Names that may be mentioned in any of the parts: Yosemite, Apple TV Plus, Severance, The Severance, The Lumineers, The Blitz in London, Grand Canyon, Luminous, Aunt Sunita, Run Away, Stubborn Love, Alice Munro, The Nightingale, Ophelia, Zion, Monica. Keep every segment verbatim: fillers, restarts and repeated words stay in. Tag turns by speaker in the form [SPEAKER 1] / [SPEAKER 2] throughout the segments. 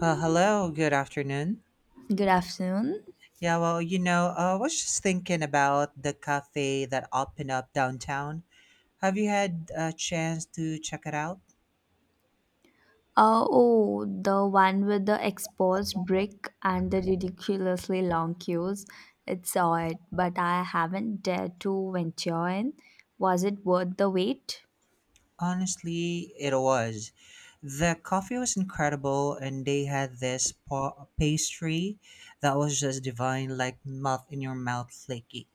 [SPEAKER 1] Well, hello, good afternoon.
[SPEAKER 2] Good afternoon.
[SPEAKER 1] Yeah, well, you know, uh, I was just thinking about the cafe that opened up downtown. Have you had a chance to check it out?
[SPEAKER 2] Uh, oh, the one with the exposed brick and the ridiculously long queues. It's it. But I haven't dared to venture in. Was it worth the wait?
[SPEAKER 1] Honestly, it was. The coffee was incredible, and they had this pa- pastry that was just divine, like melt in your mouth flaky.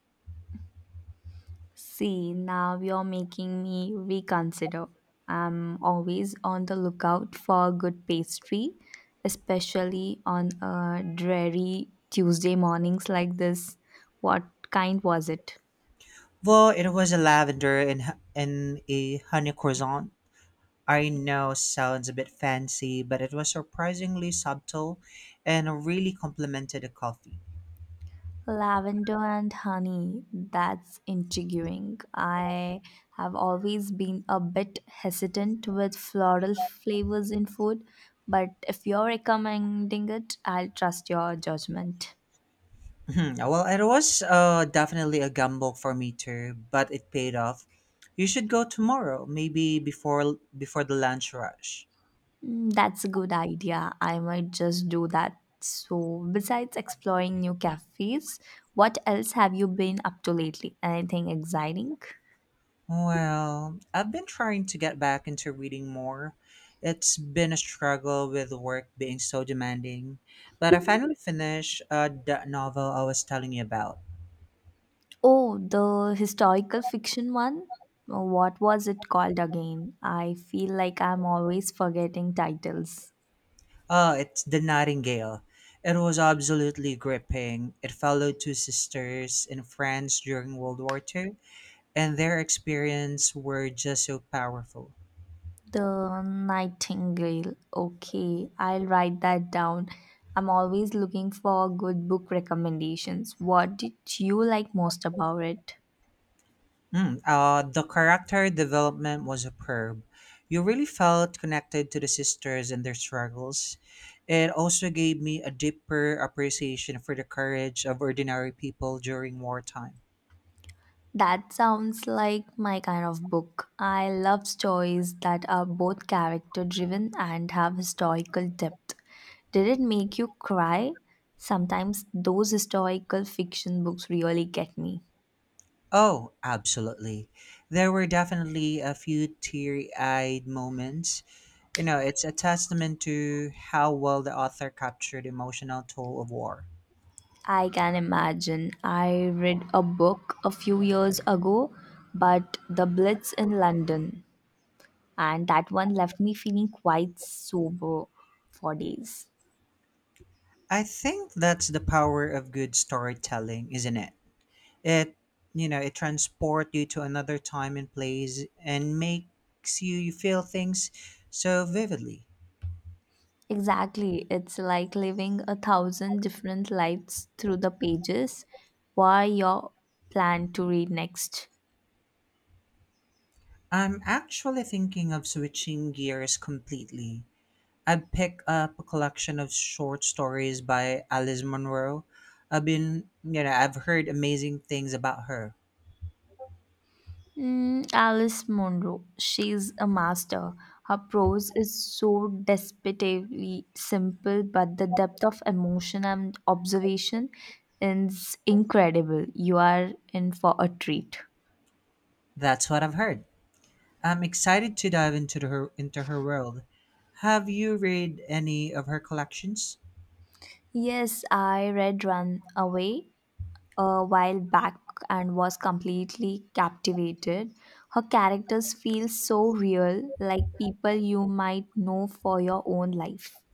[SPEAKER 2] See, now you're making me reconsider. I'm always on the lookout for good pastry, especially on uh, dreary Tuesday mornings like this. What kind was it?
[SPEAKER 1] Well, it was a lavender and, h- and a honey croissant. I know sounds a bit fancy, but it was surprisingly subtle and really complemented the coffee.
[SPEAKER 2] Lavender and honey, that's intriguing. I have always been a bit hesitant with floral flavors in food, but if you're recommending it, I'll trust your judgment.
[SPEAKER 1] Hmm, well, it was uh, definitely a gamble for me too, but it paid off. You should go tomorrow, maybe before before the lunch rush.
[SPEAKER 2] Mm, that's a good idea. I might just do that. So, besides exploring new cafes, what else have you been up to lately? Anything exciting?
[SPEAKER 1] Well, I've been trying to get back into reading more. It's been a struggle with work being so demanding, but I finally finished uh, that novel I was telling you about.
[SPEAKER 2] Oh, the historical fiction one? Uh, What was it called again? I feel like I'm always forgetting titles.
[SPEAKER 1] Ah, it's The Nightingale. It was absolutely gripping. It followed two sisters in France during World War Two, and their experience were just so powerful.
[SPEAKER 2] The Nightingale. Okay, I'll write that down. I'm always looking for good book recommendations. What did you like most about it?
[SPEAKER 1] Mm, uh, the character development was superb. You really felt connected to the sisters and their struggles. It also gave me a deeper appreciation for the courage of ordinary people during wartime.
[SPEAKER 2] That sounds like my kind of book. I love stories that are both character driven and have historical depth. Did it make you cry? Sometimes those historical fiction books really get me.
[SPEAKER 1] Oh, absolutely. There were definitely a few teary eyed moments. You know, it's a testament to how well the author captured the emotional toll of war.
[SPEAKER 2] I can imagine. I read a book a few years ago, but The Blitz in London, and that one left me feeling quite sober for days.
[SPEAKER 1] I think that's the power of good storytelling, isn't it? It, you know, it transports you to another time and place and makes you feel things so vividly.
[SPEAKER 2] Exactly. It's like living a thousand different lives through the pages. What your plan to read next?
[SPEAKER 1] I'm actually thinking of switching gears completely. I'd pick up a collection of short stories by Alice Munro. I've been, you know, I've heard amazing things about her.
[SPEAKER 2] Mm, Alice Munro. She's a master. Her prose is so desperately simple, but the depth of emotion and observation is incredible. You are in for a treat.
[SPEAKER 1] That's what I've heard. I'm excited to dive into the, her into her world. Have you read any of her collections?
[SPEAKER 2] Yes, I read Run Away a while back and was completely captivated. Her characters feel so real, like people you might know for your own life.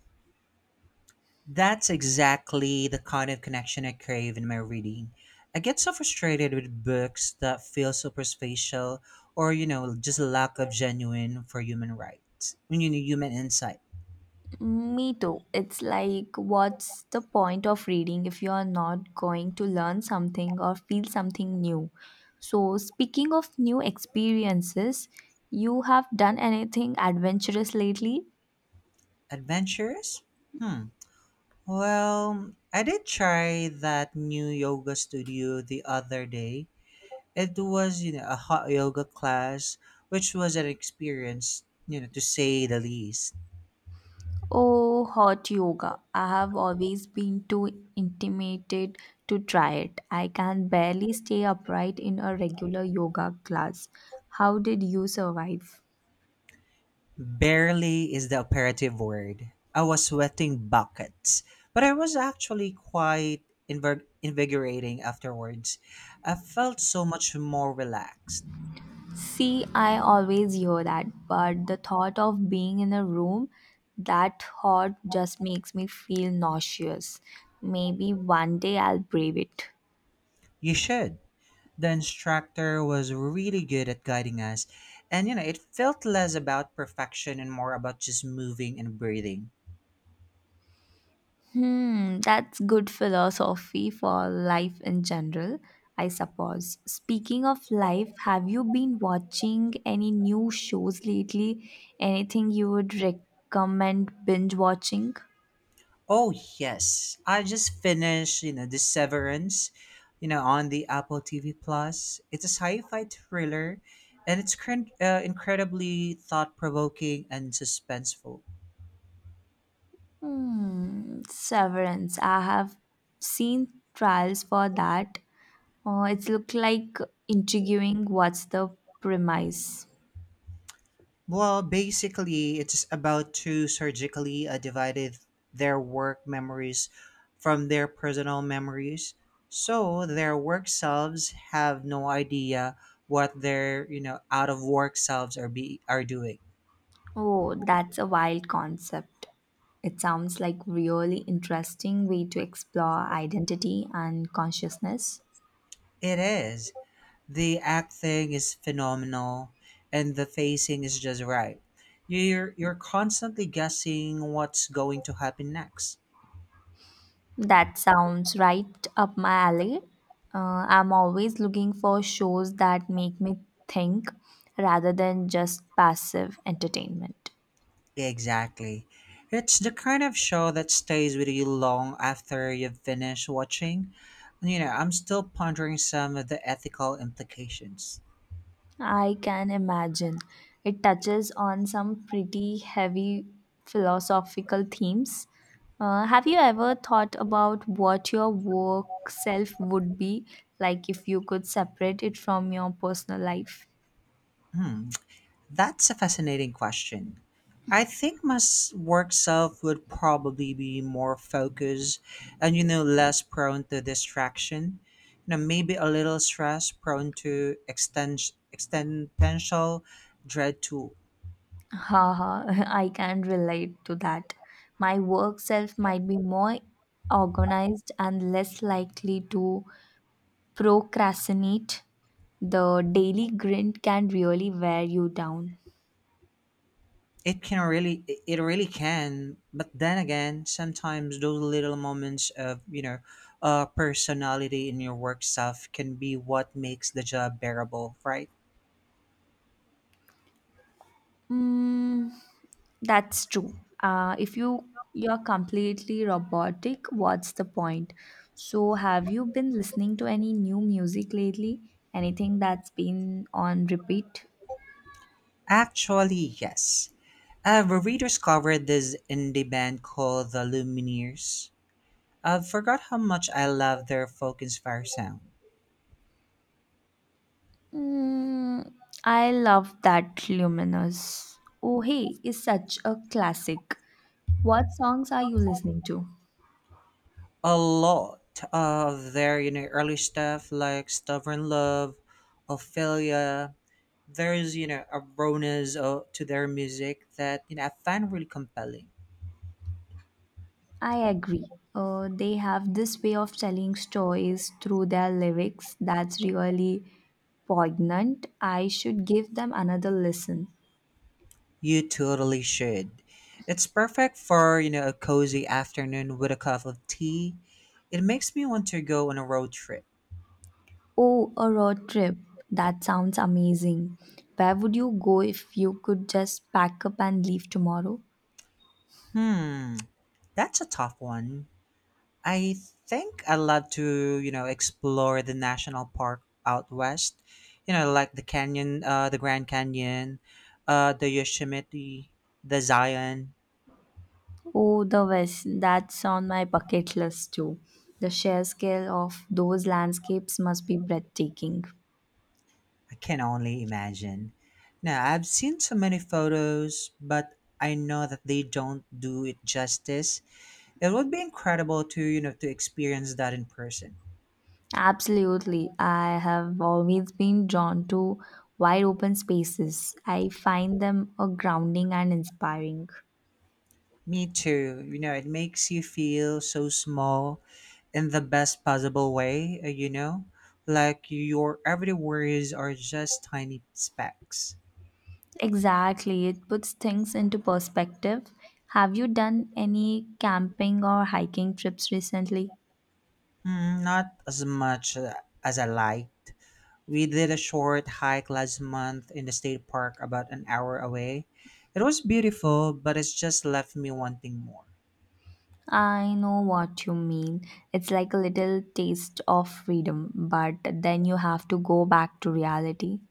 [SPEAKER 1] That's exactly the kind of connection I crave in my reading. I get so frustrated with books that feel superficial or, you know, just lack of genuine for human rights. When you need human insight.
[SPEAKER 2] Me too. It's like, what's the point of reading if you're not going to learn something or feel something new? So, speaking of new experiences, you have done anything adventurous lately?
[SPEAKER 1] Adventurous? Hmm. Well, I did try that new yoga studio the other day. It was, you know, a hot yoga class, which was an experience, you know, to say the least.
[SPEAKER 2] Oh, hot yoga. I have always been too intimidated to try it. I can barely stay upright in a regular yoga class. How did you survive?
[SPEAKER 1] Barely is the operative word. I was sweating buckets, but I was actually quite invig- invigorating afterwards. I felt so much more relaxed.
[SPEAKER 2] See, I always hear that, but the thought of being in a room that hot just makes me feel nauseous. Maybe one day I'll brave it.
[SPEAKER 1] You should. The instructor was really good at guiding us, and you know, it felt less about perfection and more about just moving and breathing.
[SPEAKER 2] Hmm, that's good philosophy for life in general, I suppose. Speaking of life, have you been watching any new shows lately? Anything you would recommend binge watching?
[SPEAKER 1] Oh yes, I just finished, you know, The Severance, you know, on the Apple T V Plus. It's a sci-fi thriller, and it's cr- uh, incredibly thought-provoking and suspenseful.
[SPEAKER 2] Hmm, Severance. I have seen trials for that. Oh, it's look like intriguing. What's the premise?
[SPEAKER 1] Well, basically, it's about two surgically uh, divided their work memories from their personal memories, so their work selves have no idea what their you know out of work selves are be are doing.
[SPEAKER 2] Oh, that's a wild concept. It sounds like really interesting way to explore identity and consciousness.
[SPEAKER 1] It is. The acting is phenomenal and the pacing is just right. You're you're constantly guessing what's going to happen next.
[SPEAKER 2] That sounds right up my alley. Uh, I'm always looking for shows that make me think rather than just passive entertainment.
[SPEAKER 1] Exactly. It's the kind of show that stays with you long after you've finished watching. You know, I'm still pondering some of the ethical implications.
[SPEAKER 2] I can imagine. It touches on some pretty heavy philosophical themes. Uh, have you ever thought about what your work self would be like if you could separate it from your personal life?
[SPEAKER 1] Hmm. That's a fascinating question. I think my s- work self would probably be more focused and, you know, less prone to distraction. You know, maybe a little stress, prone to extens- existential dread too.
[SPEAKER 2] Haha, I can relate to that. My work self might be more organized and less likely to procrastinate. The daily grind can really wear you down.
[SPEAKER 1] It can really, it it really can. But then again, sometimes those little moments of, you know, uh, personality in your work self can be what makes the job bearable, right?
[SPEAKER 2] Mm, that's true. Uh, if you you're completely robotic, what's the point? So, have you been listening to any new music lately? Anything that's been on repeat?
[SPEAKER 1] Actually, yes. I've rediscovered this indie band called The Lumineers. I've forgot how much I love their folk inspired sound.
[SPEAKER 2] Mm, I love that Luminous. Oh, hey, is such a classic. What songs are you listening to?
[SPEAKER 1] A lot of their you know early stuff like Stubborn Love, Ophelia. There's you know a rawness uh, to their music that you know I find really compelling.
[SPEAKER 2] I agree. Uh, they have this way of telling stories through their lyrics that's really poignant. I should give them another listen.
[SPEAKER 1] You totally should. It's perfect for you know a cozy afternoon with a cup of tea. It makes me want to go on a road trip.
[SPEAKER 2] Oh, a road trip. That sounds amazing. Where would you go if you could just pack up and leave tomorrow?
[SPEAKER 1] Hmm, that's a tough one. I think I'd love to, you know, explore the national park out west. You know, like the canyon, uh, the Grand Canyon, uh, the Yosemite, the Zion.
[SPEAKER 2] Oh, the West. That's on my bucket list too. The sheer scale of those landscapes must be breathtaking.
[SPEAKER 1] I can only imagine. Now, I've seen so many photos, but I know that they don't do it justice. It would be incredible to, you know, to experience that in person.
[SPEAKER 2] Absolutely. I have always been drawn to wide open spaces. I find them a grounding and inspiring.
[SPEAKER 1] Me too. You know, it makes you feel so small in the best possible way, uh, you know? Like your everyday worries are just tiny specks.
[SPEAKER 2] Exactly. It puts things into perspective. Have you done any camping or hiking trips recently?
[SPEAKER 1] Hmm, not as much uh, as I liked. We did a short hike last month in the state park about an hour away. It was beautiful, but it's just left me wanting more.
[SPEAKER 2] I know what you mean. It's like a little taste of freedom, but then you have to go back to reality.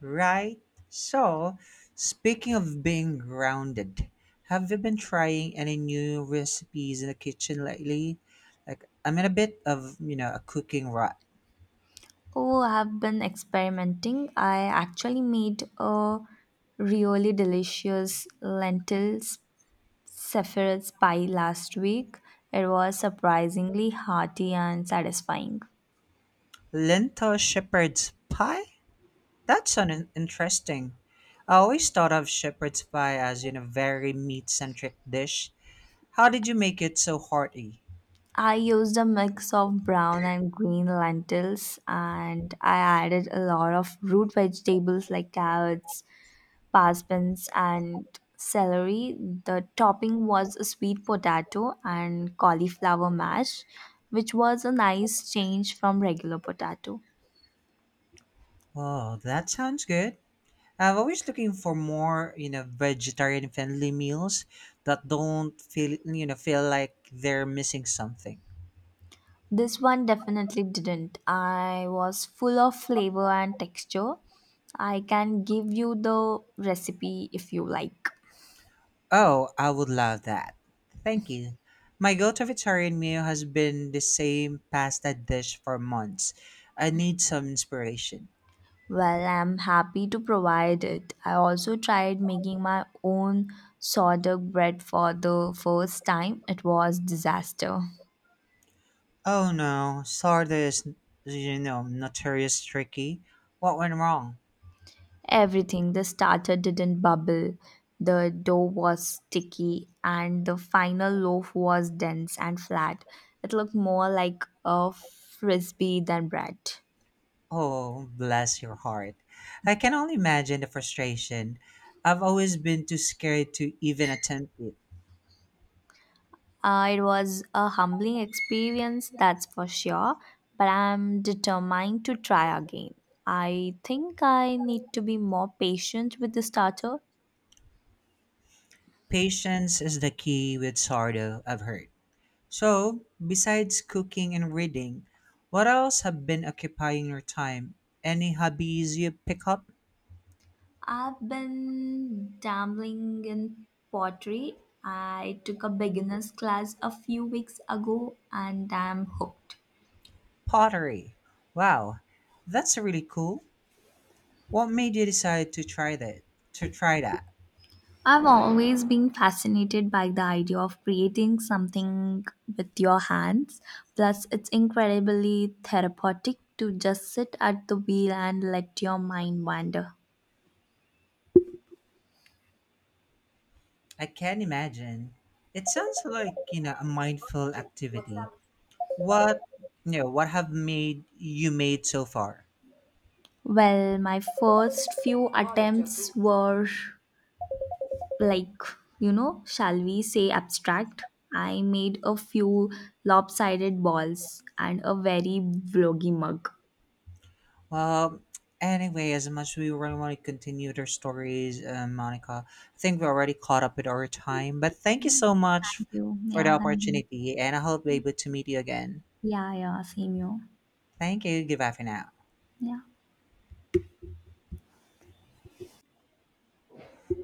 [SPEAKER 1] Right. So, speaking of being grounded, have you been trying any new recipes in the kitchen lately? Like, I'm in a bit of, you know, a cooking rut.
[SPEAKER 2] Oh, I've been experimenting. I actually made a really delicious lentils sephir's pie last week. It was surprisingly hearty and satisfying.
[SPEAKER 1] Lentil shepherd's pie? That's an interesting. I always thought of shepherd's pie as, you know, very meat-centric dish. How did you make it so hearty?
[SPEAKER 2] I used a mix of brown and green lentils and I added a lot of root vegetables like carrots, bass beans and celery. The topping was a sweet potato and cauliflower mash, which was a nice change from regular potato.
[SPEAKER 1] Oh, that sounds good. I'm always looking for more, you know, vegetarian friendly meals that don't feel, you know, feel like they're missing something.
[SPEAKER 2] This one definitely didn't. I was full of flavor and texture. I can give you the recipe if you like.
[SPEAKER 1] Oh, I would love that. Thank you. My go-to vegetarian meal has been the same pasta dish for months. I need some inspiration.
[SPEAKER 2] Well, I'm happy to provide it. I also tried making my own sourdough bread for the first time. It was disaster.
[SPEAKER 1] Oh no, sourdough is, you know, notorious tricky. What went wrong?
[SPEAKER 2] Everything. The starter didn't bubble, the dough was sticky, and the final loaf was dense and flat. It looked more like a frisbee than bread.
[SPEAKER 1] Oh, bless your heart. I can only imagine the frustration. I've always been too scared to even attempt it.
[SPEAKER 2] Uh, it was a humbling experience, that's for sure, but I'm determined to try again. I think I need to be more patient with the starter.
[SPEAKER 1] Patience is the key with sourdough, I've heard. So, besides cooking and reading, what else have been occupying your time? Any hobbies you pick up?
[SPEAKER 2] I've been dabbling in pottery. I took a beginner's class a few weeks ago and I'm hooked.
[SPEAKER 1] Pottery. Wow, that's really cool. What made you decide to try that? To try that?
[SPEAKER 2] I've always been fascinated by the idea of creating something with your hands. Plus, it's incredibly therapeutic to just sit at the wheel and let your mind wander.
[SPEAKER 1] I can imagine. It sounds like, you know, a mindful activity. What you know, what have made you made so far?
[SPEAKER 2] Well, my first few attempts were, like, you know shall we say, abstract. I made a few lopsided balls and a very vloggy mug.
[SPEAKER 1] Well, anyway, as much as we really want to continue their stories, uh, Monica, I think we already caught up with our time. But thank you so much
[SPEAKER 2] Thank you.
[SPEAKER 1] for the
[SPEAKER 2] Yeah, thank you.
[SPEAKER 1] opportunity, and I hope we're able to meet you again.
[SPEAKER 2] Yeah, yeah, same you.
[SPEAKER 1] Thank you. Goodbye for now.
[SPEAKER 2] Yeah.